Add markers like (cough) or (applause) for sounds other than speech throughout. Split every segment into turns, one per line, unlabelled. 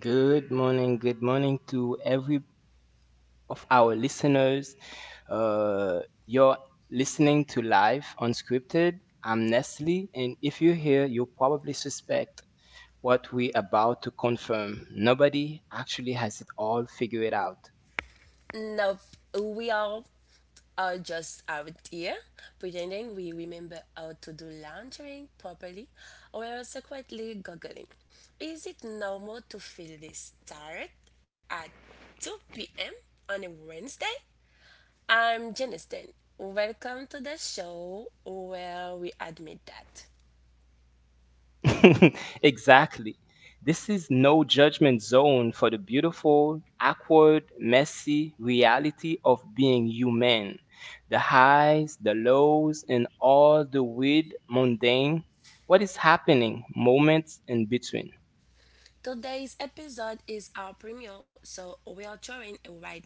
Good morning to every of our listeners. You're listening to Live Unscripted. I'm Nestle, and if you're here, you probably suspect what we're about to confirm. Nobody actually has it all figured out.
Nope, we all are just out here pretending we remember how to do laundry properly or also quietly googling. Is it normal to feel this tired at 2 p.m. on a Wednesday? I'm Jenniston. Welcome to the show where we admit that.
(laughs) Exactly. This is no judgment zone for the beautiful, awkward, messy reality of being human. The highs, the lows, and all the weird, mundane, what is happening, moments in between.
Today's episode is our premiere, so we are throwing a wide net.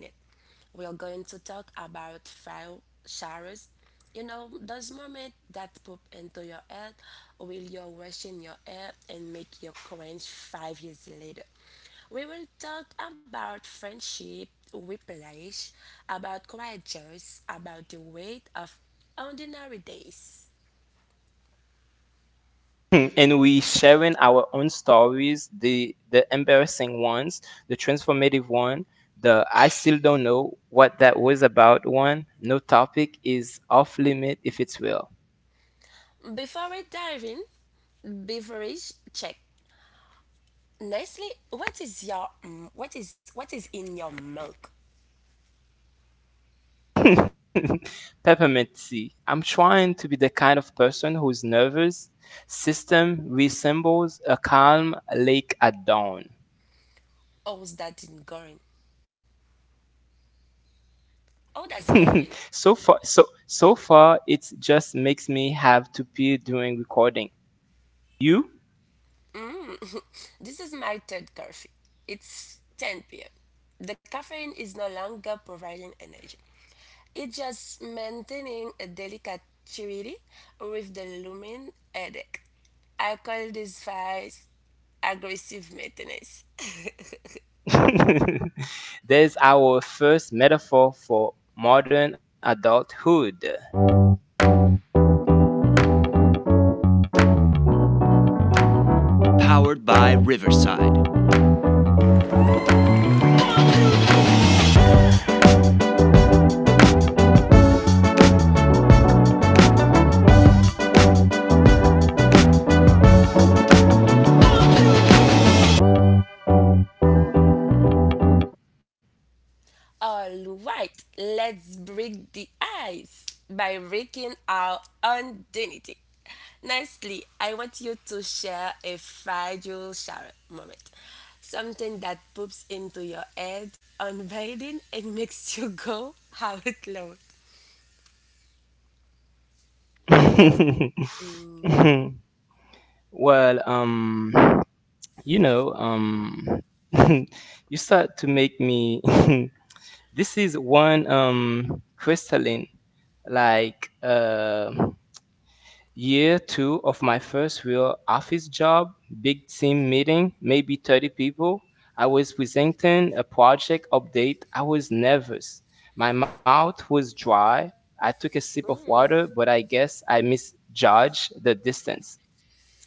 We are going to talk about file showers. You know, those moments that pop into your head while you're washing your hair and make you cringe 5 years later. We will talk about friendship, whiplash, about quiet joys, about the weight of ordinary days.
(laughs) And we sharing our own stories, the embarrassing ones, the transformative one, the I still don't know what that was about one. No topic is off limit if it's real.
Before we dive in, beverage check. Nestle, what is in your milk?
(laughs) Peppermint tea. I'm trying to be the kind of person whose nervous system resembles a calm lake at dawn.
Oh, is that in going? Oh, that's going.
(laughs) So far, so far, it just makes me have to pee during recording. You?
This is my third coffee. It's 10 p.m. The caffeine is no longer providing energy. It's just maintaining a delicate chewy with the looming headache. I call this phase aggressive maintenance.
(laughs) There's our first metaphor for modern adulthood.
All right, let's break the ice by breaking our own dignity. Nicely, I want you to share a fragile shower moment. Something that poops into your head, on bathing and (laughs) makes you go out loud.
(laughs)
Yes.
Well, um, you know, um, (laughs) you start to make me (laughs) This is one crystalline, like, year two of my first real office job, big team meeting, maybe 30 people. I was presenting a project update. I was nervous. My mouth was dry. I took a sip of water, but I guess I misjudged the distance.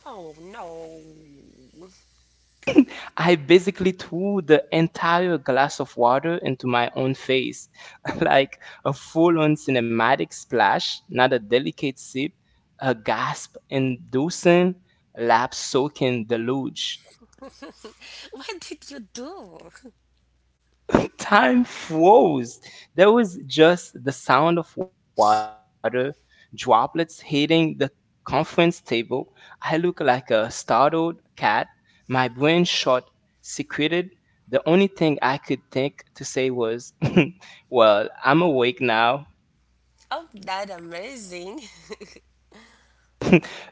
Oh no.
I basically threw the entire glass of water into my own face, (laughs) like a full on cinematic splash, not a delicate sip, a gasp inducing, lap soaking deluge.
What did you do?
Time froze. There was just the sound of water, droplets hitting the conference table. I looked like a startled cat. My brain shot, secreted. The only thing I could think to say was, (laughs) Well, I'm awake now.
Oh, that amazing.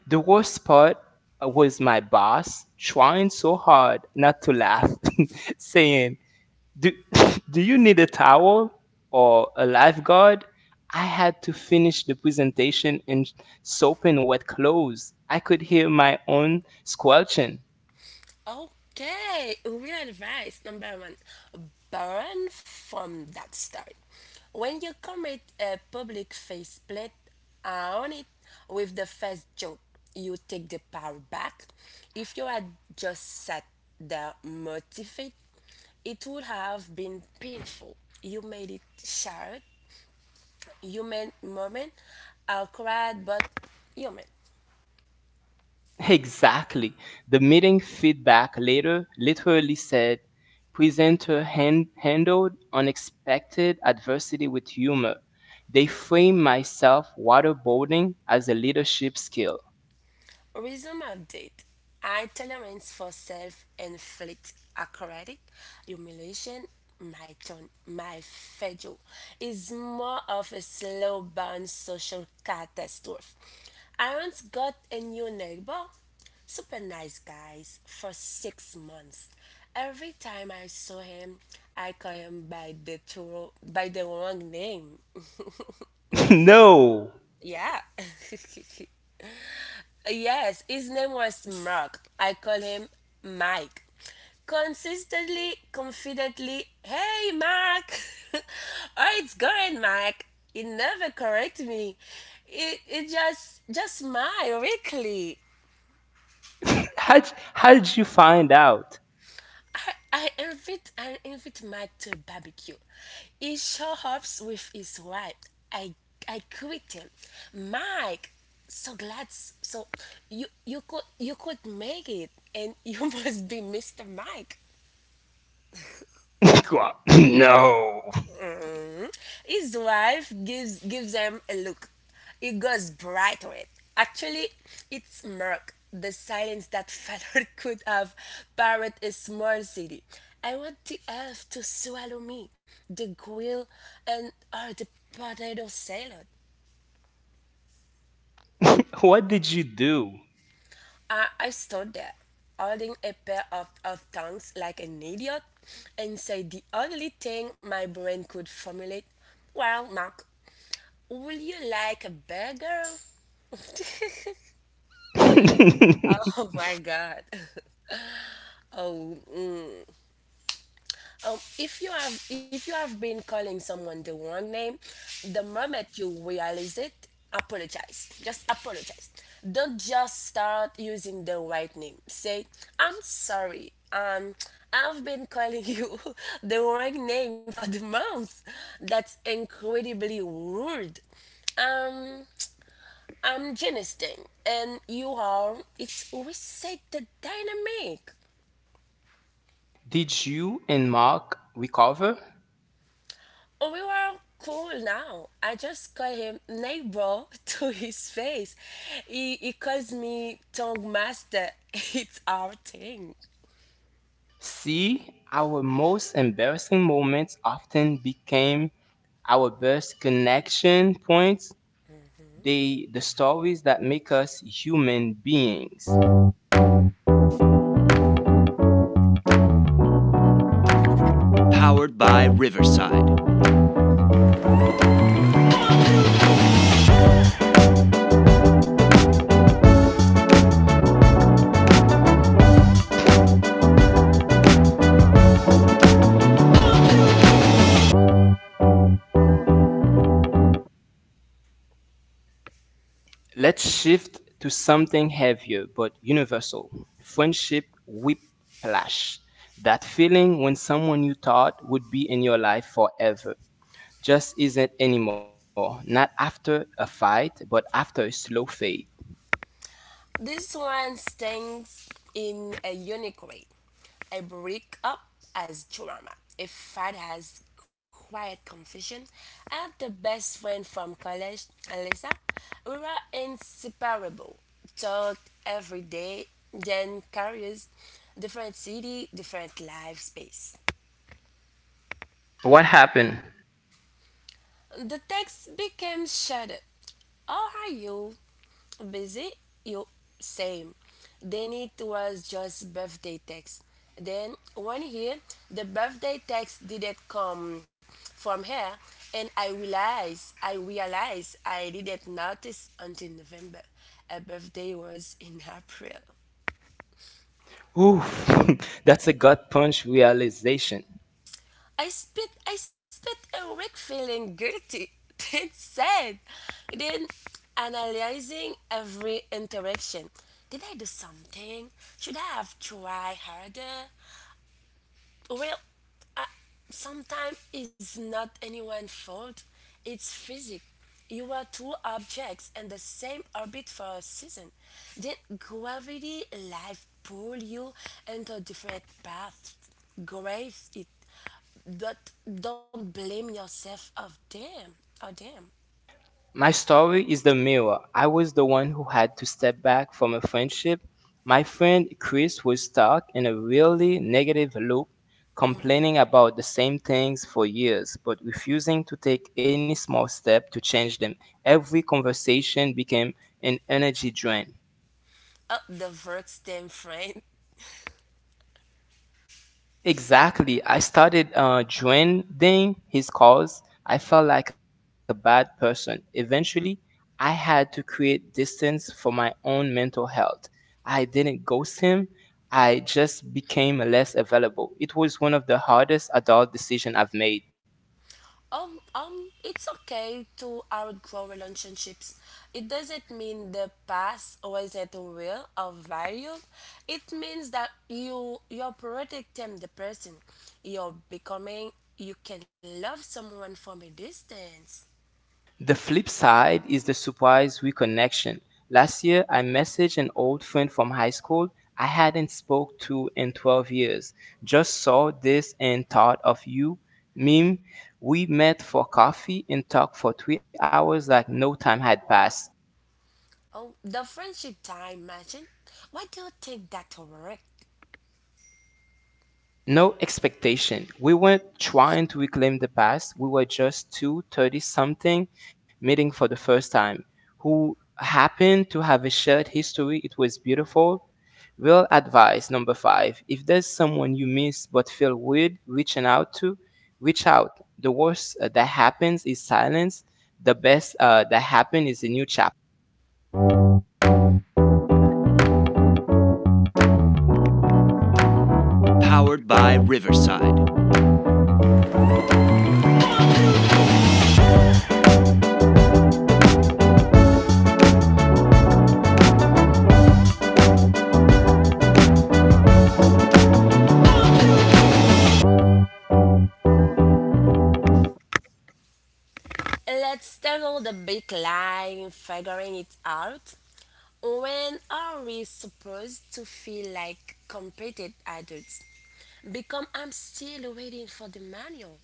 The worst part was my boss trying so hard not to laugh, (laughs) saying, Do (laughs) do you need a towel or a lifeguard? I had to finish the presentation in soap and wet clothes. I could hear my own squelching.
Okay, real advice number one burn from that start. When you commit a public faceplant, own it with the first joke. You take the power back. If you had just set the motivate, it would have been painful. You made it shared, human moment, awkward, but human.
Exactly. The meeting feedback later literally said presenter handled unexpected adversity with humor. They framed myself waterboarding as a leadership skill.
Resume update. High tolerance for self inflict acrobatic humiliation, my turn, my federal, is more of a slow burn social catastrophe. I once got a new neighbor, super nice guys, for 6 months. Every time I saw him, I call him by the wrong name. (laughs)
(laughs) No.
Yeah. (laughs) Yes, his name was Mark. I call him Mike. Consistently, confidently, hey Mark, (laughs) how it's going, Mike? He never correct me. It just smile weakly.
(laughs) How'd you find out?
I invite Mike to a barbecue. He shows up with his wife. I I greet him. Mike, so glad so you could make it and you (laughs) must be Mr. Mike.
(laughs) No.
His wife gives him a look. It goes bright red. Actually, it's murk. The silence that (laughs) followed could have parried a small city. I want the earth to swallow me, the grill and or the potato salad.
(laughs) What did you do?
I stood there, holding a pair of tongs like an idiot, and said the only thing my brain could formulate, well, Mark, will you like a burger? Oh
(laughs)
my God. Oh, mm. If you have been calling someone the wrong name, the moment you realize it, apologize. Just apologize. Don't just start using the right name. Say, "I'm sorry. I've been calling you (laughs) the wrong name for the month. That's incredibly rude." Um, I'm Jenny Sting, and you are. It's reset the dynamic.
Did you and Mark recover?
Oh, we were cool now. I just call him neighbor (laughs) to his face. He calls me tongue master. (laughs) It's our thing.
See, our most embarrassing moments often became our best connection points, they the stories that make us human beings. Let's shift to something heavier but universal. Friendship whiplash. That feeling when someone you thought would be in your life forever just isn't anymore. Not after a fight, but after a slow fade.
This one stands in a unique way. I break as drama. A fight has quiet confession. I had the best friend from college, Alyssa. We were inseparable. Talked every day, then careers, different city, different life space.
What happened?
The text became shattered. How are you? Busy? You same. Then it was just birthday text. Then one year the birthday text didn't come from her and I realized I didn't notice until November. Her birthday was in April.
Oof, (laughs) that's a gut punch realization.
I spit awake feeling guilty, (laughs) then sad, then analyzing every interaction. Did I do something? Should I have tried harder? Well, I, sometimes it's not anyone's fault. It's physics. You are two objects in the same orbit for a season, then gravity, life pull you into different paths. Grave it, but don't blame yourself of them or them
My story is the mirror. I was the one who had to step back from a friendship. My friend Chris was stuck in a really negative loop, complaining about the same things for years, but refusing to take any small step to change them. Every conversation became an energy drain.
of the works them (laughs) friend.
Exactly. I started joining his cause. I felt like a bad person. Eventually, I had to create distance for my own mental health. I didn't ghost him, I just became less available. It was one of the hardest adult decisions I've made.
It's okay to outgrow relationships. It doesn't mean the past was not real or value. It means that you're protecting the person. You're becoming. You can love someone from a distance.
The flip side is the surprise reconnection. Last year, I messaged an old friend from high school I hadn't spoke to in 12 years. Just saw this and thought of you. Meme, we met for coffee and talked for 3 hours like no time had passed.
Oh, the friendship time. Imagine. Why do you think that worked?
No expectation. We weren't trying to reclaim the past. We were just two thirty something meeting for the first time who happened to have a shared history. It was beautiful. Real advice number five, if there's someone you miss but feel weird reaching out to, reach out. The worst that happens is silence, the best that happens is a new chapter.
Let's tackle the big lie figuring it out. When are we supposed to feel like competent adults? Because I'm still waiting for the manual.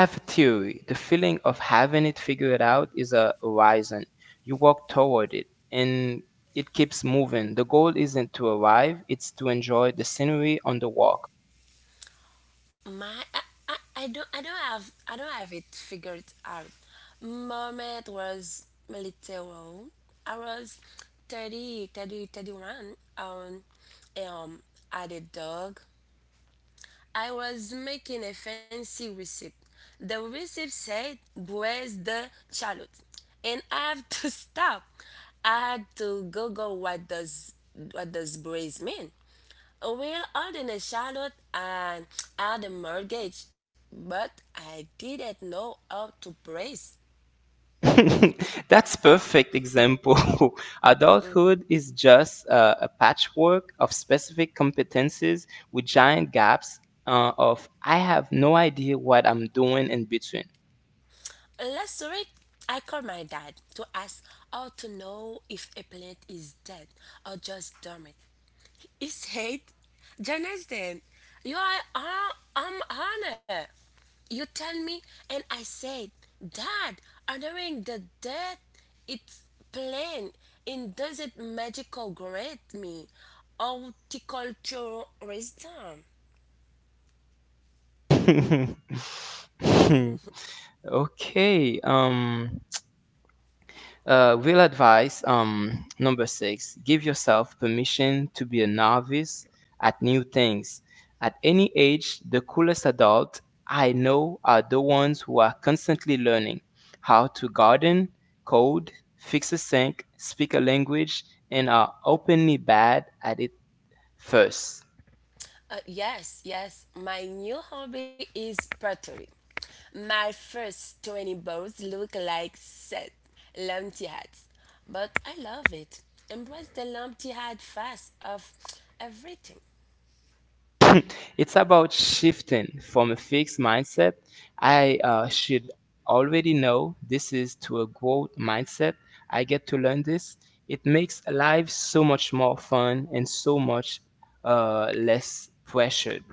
Have a theory. The feeling of having it figured out is a horizon. You walk toward it and it keeps moving. The goal isn't to arrive, it's to enjoy the scenery on the walk.
My. I, I don't have it figured out. Moment was little. I was 30, 30, 31. um, um, I had a dog. I was making a fancy recipe. The recipe said braise the shallot, and I have to (laughs) stop. I had to Google what does braise mean. Well, holding a shallot and I had a mortgage, but I didn't know how to braise.
(laughs) That's perfect example. (laughs) Adulthood is just a patchwork of specific competences with giant gaps of I have no idea what I'm doing in between.
Last week, I called my dad to ask how to know if a plant is dead or just dormant. Is hate. Jonathan, you are I'm honored. You tell me, and I said, Dad, honoring the dead, it's plain. It doesn't magical grant me horticulturism.
(laughs) Okay, real advice number six, give yourself permission to be a novice at new things. At any age, the coolest adult I know are the ones who are constantly learning how to garden, code, fix a sink, speak a language, and are openly bad at it first.
Yes, yes. My new hobby is pottery. My first 20 bowls look like set lumpy hats, but I love it. Embrace the lumpy hat fast of everything.
(laughs) It's about shifting from a fixed mindset. I should already know this is to a growth mindset. I get to learn this. It makes life so much more fun and so much less pressured.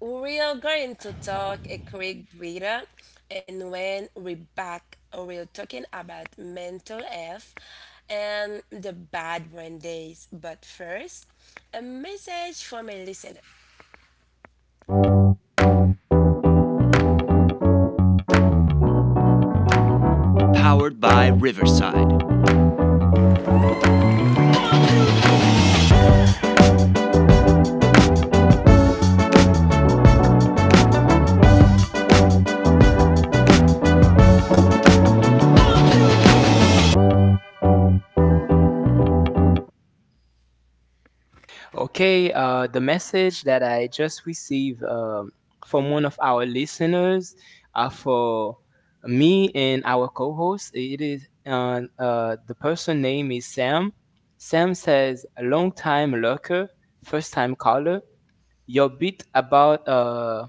We are going to talk a quick breather, and when we back, we're talking about mental health and the bad brain days. But first, a message from a listener.
Okay, the message that I just received from one of our listeners for me and our co host, it is the person name is Sam. Sam says, "A long time lurker, first time caller. Your bit about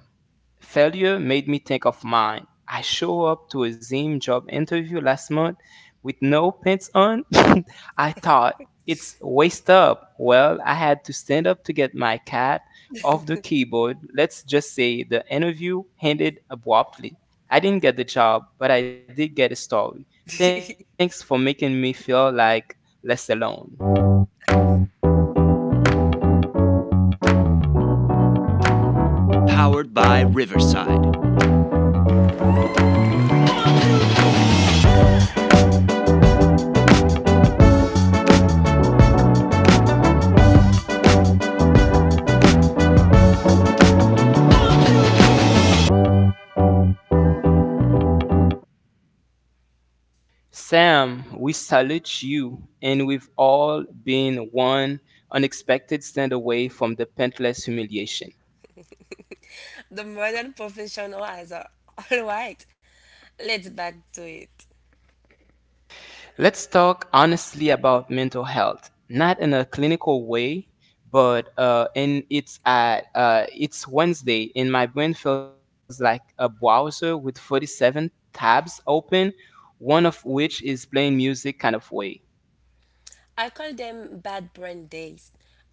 failure made me think of mine. I show up to a Zim job interview last month with no pants on. (laughs) I thought it's waist up. Well, I had to stand up to get my cat off the keyboard. Let's just say the interview ended abruptly. I didn't get the job, but I did get a story. Thanks for making me feel like less alone. Sam, we salute you, and we've all been one unexpected stand away from the painless humiliation."
The modern professionals are (laughs) all right. Let's back to it.
Let's talk honestly about mental health, not in a clinical way, but and it's at it's Wednesday, and my brain feels like a browser with 47 tabs open, one of which is playing music kind of way.
I call them bad brain days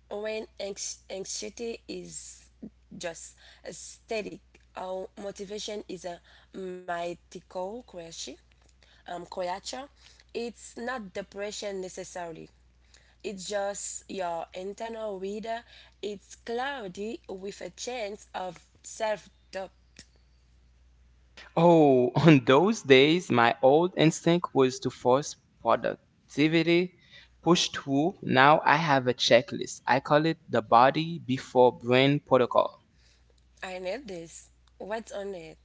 when anxiety is just static or motivation is a mythical creature. Creature. It's not depression necessarily. It's just your internal reader. It's cloudy with a chance of self doubt.
Oh, (laughs) on those days, my old instinct was to force productivity, push through. Now I have a checklist. I call it the body before brain protocol.
I need this. What's on it?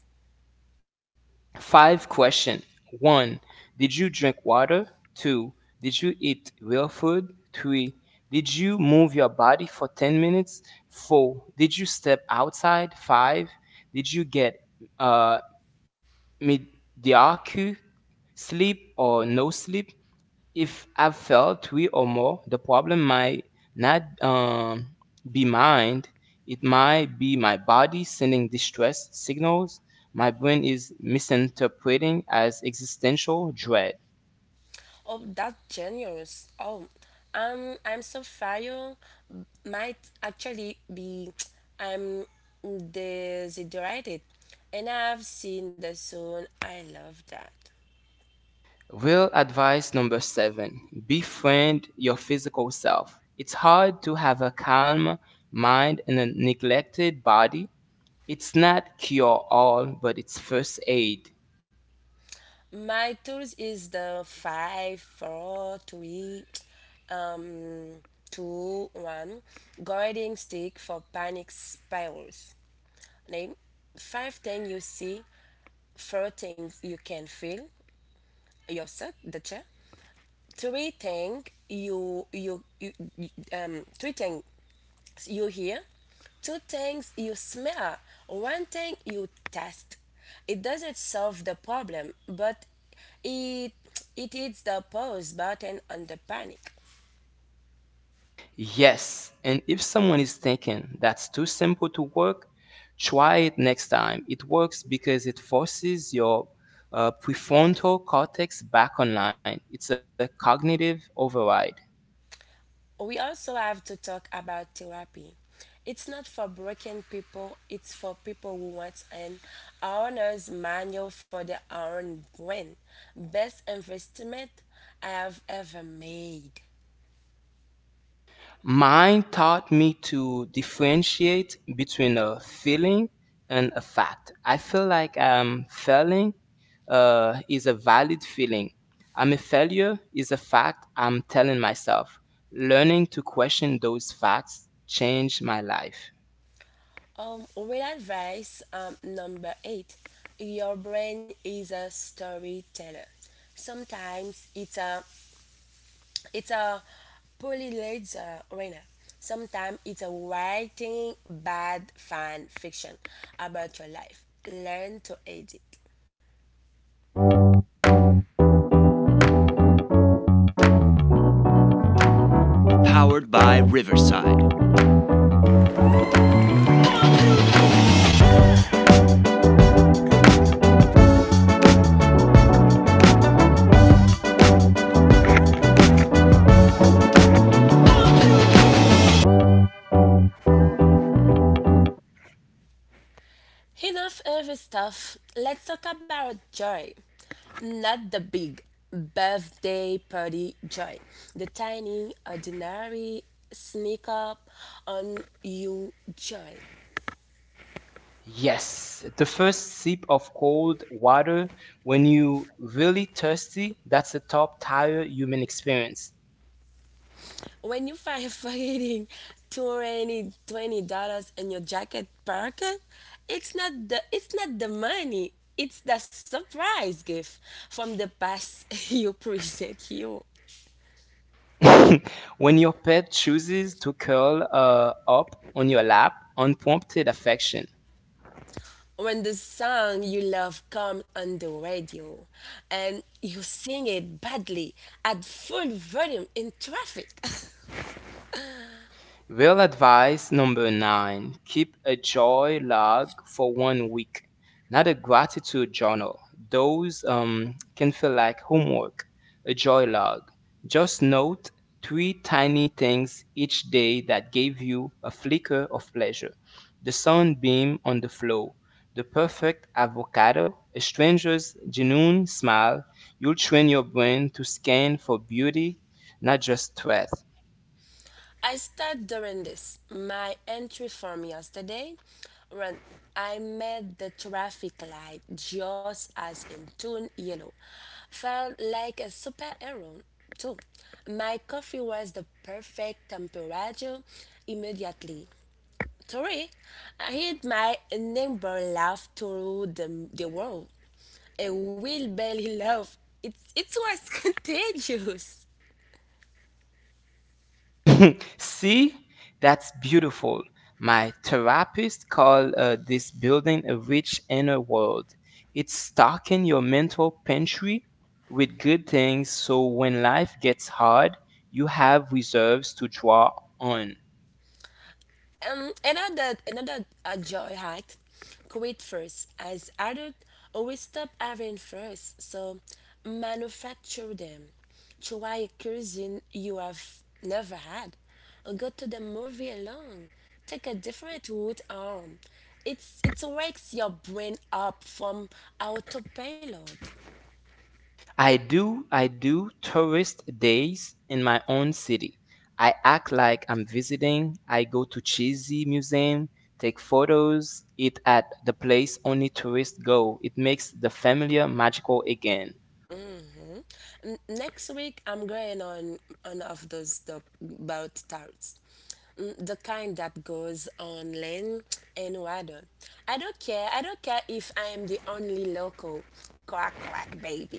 Five question. One, did you drink water? Two, did you eat real food? Three, did you move your body for 10 minutes? Four, did you step outside? Five, did you get uh, mediocre sleep or no sleep? If I've failed three or more, the problem might not be mind. It might be my body sending distress signals my brain is misinterpreting as existential dread.
Oh, that's generous. Oh, I'm Sapphire. Might actually be (tsk) I'm desiderated, and I've seen the sun. I love that.
Real advice number seven, befriend your physical self. It's hard to have a calm mind and a neglected body. It's not cure all, but it's first aid.
My tools is the five, four, three, (tsk) um, two, one, guiding stick for panic spirals. Name five things you see, four things you can feel. Yourself, the chair, treating you you, you you- treating you hear, two things you smell, one thing you taste. It doesn't solve the problem, but it it is the pause button on the panic.
Yes, and if someone is thinking that's too simple to work, try it next time. It works because it forces your prefrontal cortex back online. It's a cognitive override.
We also have to talk about therapy. It's not for broken people, it's for people who want an owner's manual for their own brain. Best investment I have ever made.
Mine taught me to differentiate between a feeling and a fact. I feel like I'm failing is a valid feeling. I'm a failure is a fact I'm telling myself. Learning to question those facts changed my life.
Real advice number eight, your brain is a storyteller. Sometimes it's a polylaser arena. Sometimes it's a writing bad fan fiction about your life. Learn to edit. Enough heavy stuff. Let's talk about joy. Not the big birthday party joy, the tiny, ordinary sneak up on you joy.
Yes, the first sip of cold water when you really thirsty, that's a top tier human experience.
When you find fucking twenty dollars in your jacket pocket, it's not the money. It's the surprise gift from the past (laughs) you present you.
(laughs) When your pet chooses to curl up on your lap, unprompted affection.
When the song you love comes on the radio and you sing it badly at full volume in traffic.
Real advice number nine, keep a joy log for one week, not a gratitude journal. Those can feel like homework. A joy log. Just note three tiny things each day that gave you a flicker of pleasure, the sunbeam on the floor, the perfect avocado, a stranger's genuine smile. You'll train your brain to scan for beauty, not just threat.
(laughs) I start during this. My entry from yesterday when I met the traffic light just as in tune yellow. Felt like a superhero too. My coffee was the perfect temperature immediately. Sorry, I heard my neighbor laugh through the world. A wheelbarrow laugh. It was (laughs) contagious.
(laughs) See, that's beautiful. My therapist called this building a rich inner world. It's stocking your mental pantry with good things so when life gets hard, you have reserves to draw on.
Another joy hack: quit first. As adults, always stop having first. So manufacture them. Try a cuisine you have never had. Or go to the movie alone. Take a different route home. It wakes your brain up from autopilot.
I do tourist days in my own city. I act like I'm visiting. I go to cheesy museum, take photos, eat at the place only tourists go. It makes the familiar magical again.
Next week I'm going on of those the boat tarts. The kind that goes on land and water. I don't care. I don't care if I am the only local. Quack quack baby.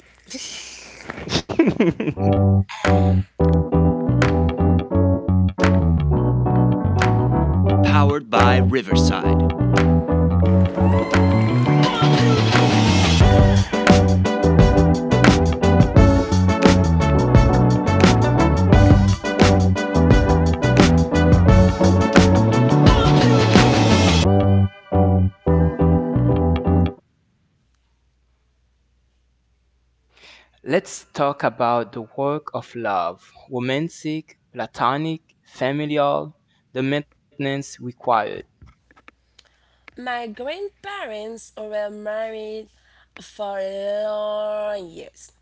(laughs) Let's talk about the work of love, romantic, platonic, familial, the maintenance required.
(laughs) My grandparents were married for long years.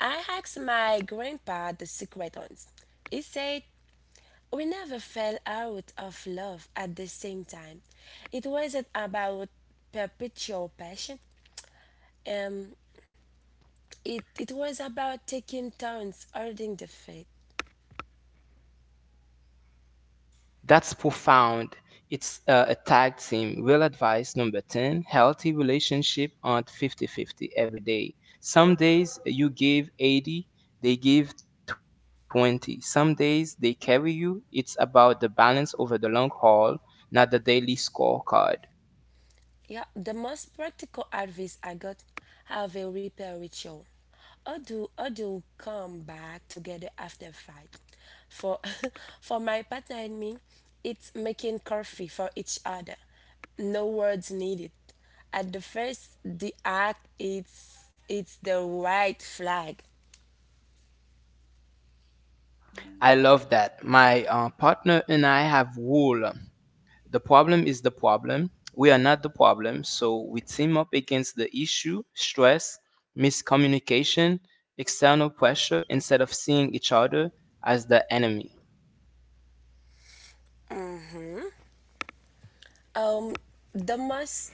I asked my grandpa the secret ones. He said we never fell out of love at the same time. It wasn't about perpetual passion. Um, it was about taking turns holding the faith.
That's profound. It's a tag team. Real advice number 10, healthy relationship aren't 50/50 every day. Some days you give 80, they give 20. Some days they carry you. It's about the balance over the long haul, not the daily scorecard.
Yeah, the most practical advice I got have a repair ritual. Or do come back together after fight? For (laughs) for my partner and me, it's making coffee for each other. No words needed. At the first the act it's the right flag.
I love that. My partner and I have wool. The problem is the problem. We are not the problem, so we team up against the issue, stress, miscommunication, external pressure, instead of seeing each other as the enemy.
Um the most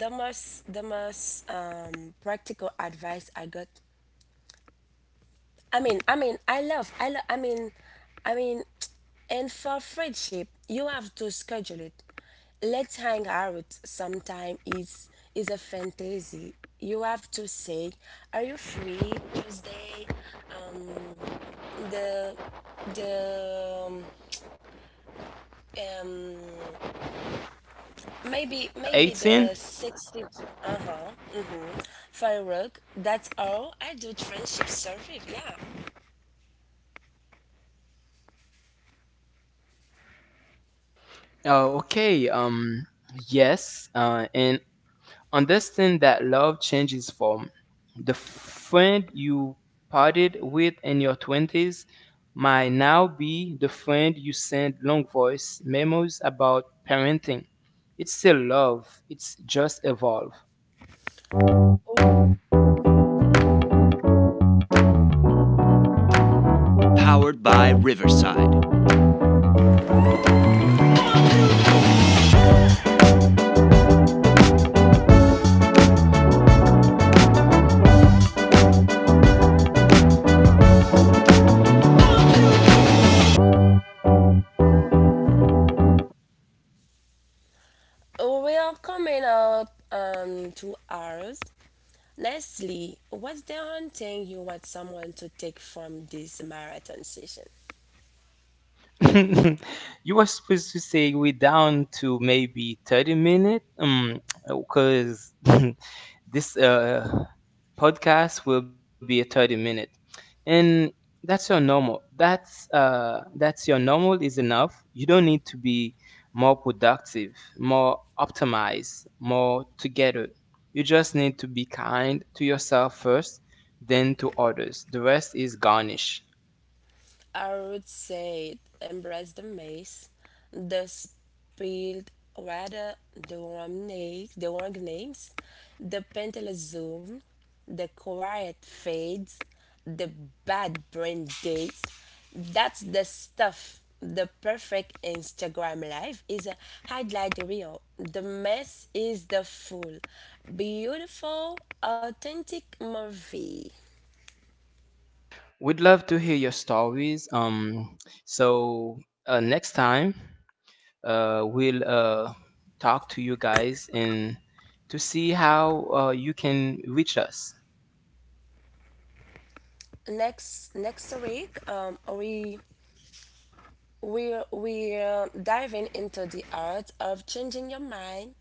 the most the most practical advice I got I mean, I love, I mean, and for friendship, you have to schedule it. Let's hang out sometime is a fantasy. You have to say, are you free Tuesday? The the um, maybe
18?
the 16th, uh-huh, mm-hmm. Firework, that's all I do, friendship survey, yeah.
Okay, yes, and understand that love changes form. The friend you parted with in your 20s might now be the friend you send long voice memos about parenting. It's still love, it's just evolved.
We are coming up to ours. Lastly, what's the one thing you want someone to take from this marathon session?
(laughs) You were supposed to say we down to maybe 30 minutes (tsk) because (laughs) this podcast will be a 30 minute, and that's your normal, that's your normal is enough. You don't need to be more productive, more optimized, more together. You just need to be kind to yourself first, then to others. The rest is garnish.
I would say embrace the mess, the spilled water, the wrong names, the painless zoom, the quiet fades, the bad brain dates. That's the stuff. The perfect Instagram life is a highlight reel. The mess is the full, beautiful, authentic movie.
We'd love to hear your stories. So next time, we'll talk to you guys and to see how you can reach us.
Next week, we're diving into the art of changing your mind,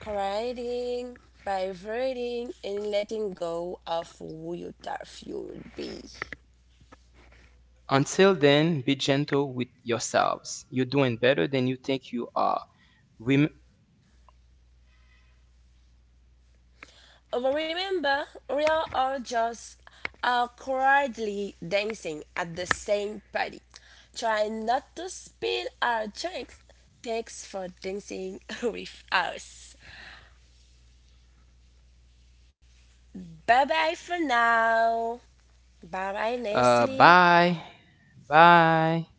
quieting, vibrating, and letting go of who you thought you would be.
Until then, be gentle with yourselves. You're doing better than you think you are. Rem-
But remember, we are all just quietly dancing at the same party. Try not to spill our drinks. Thanks for dancing (laughs) with us. Bye bye for now. Bye bye, Nestle.
Bye. Bye.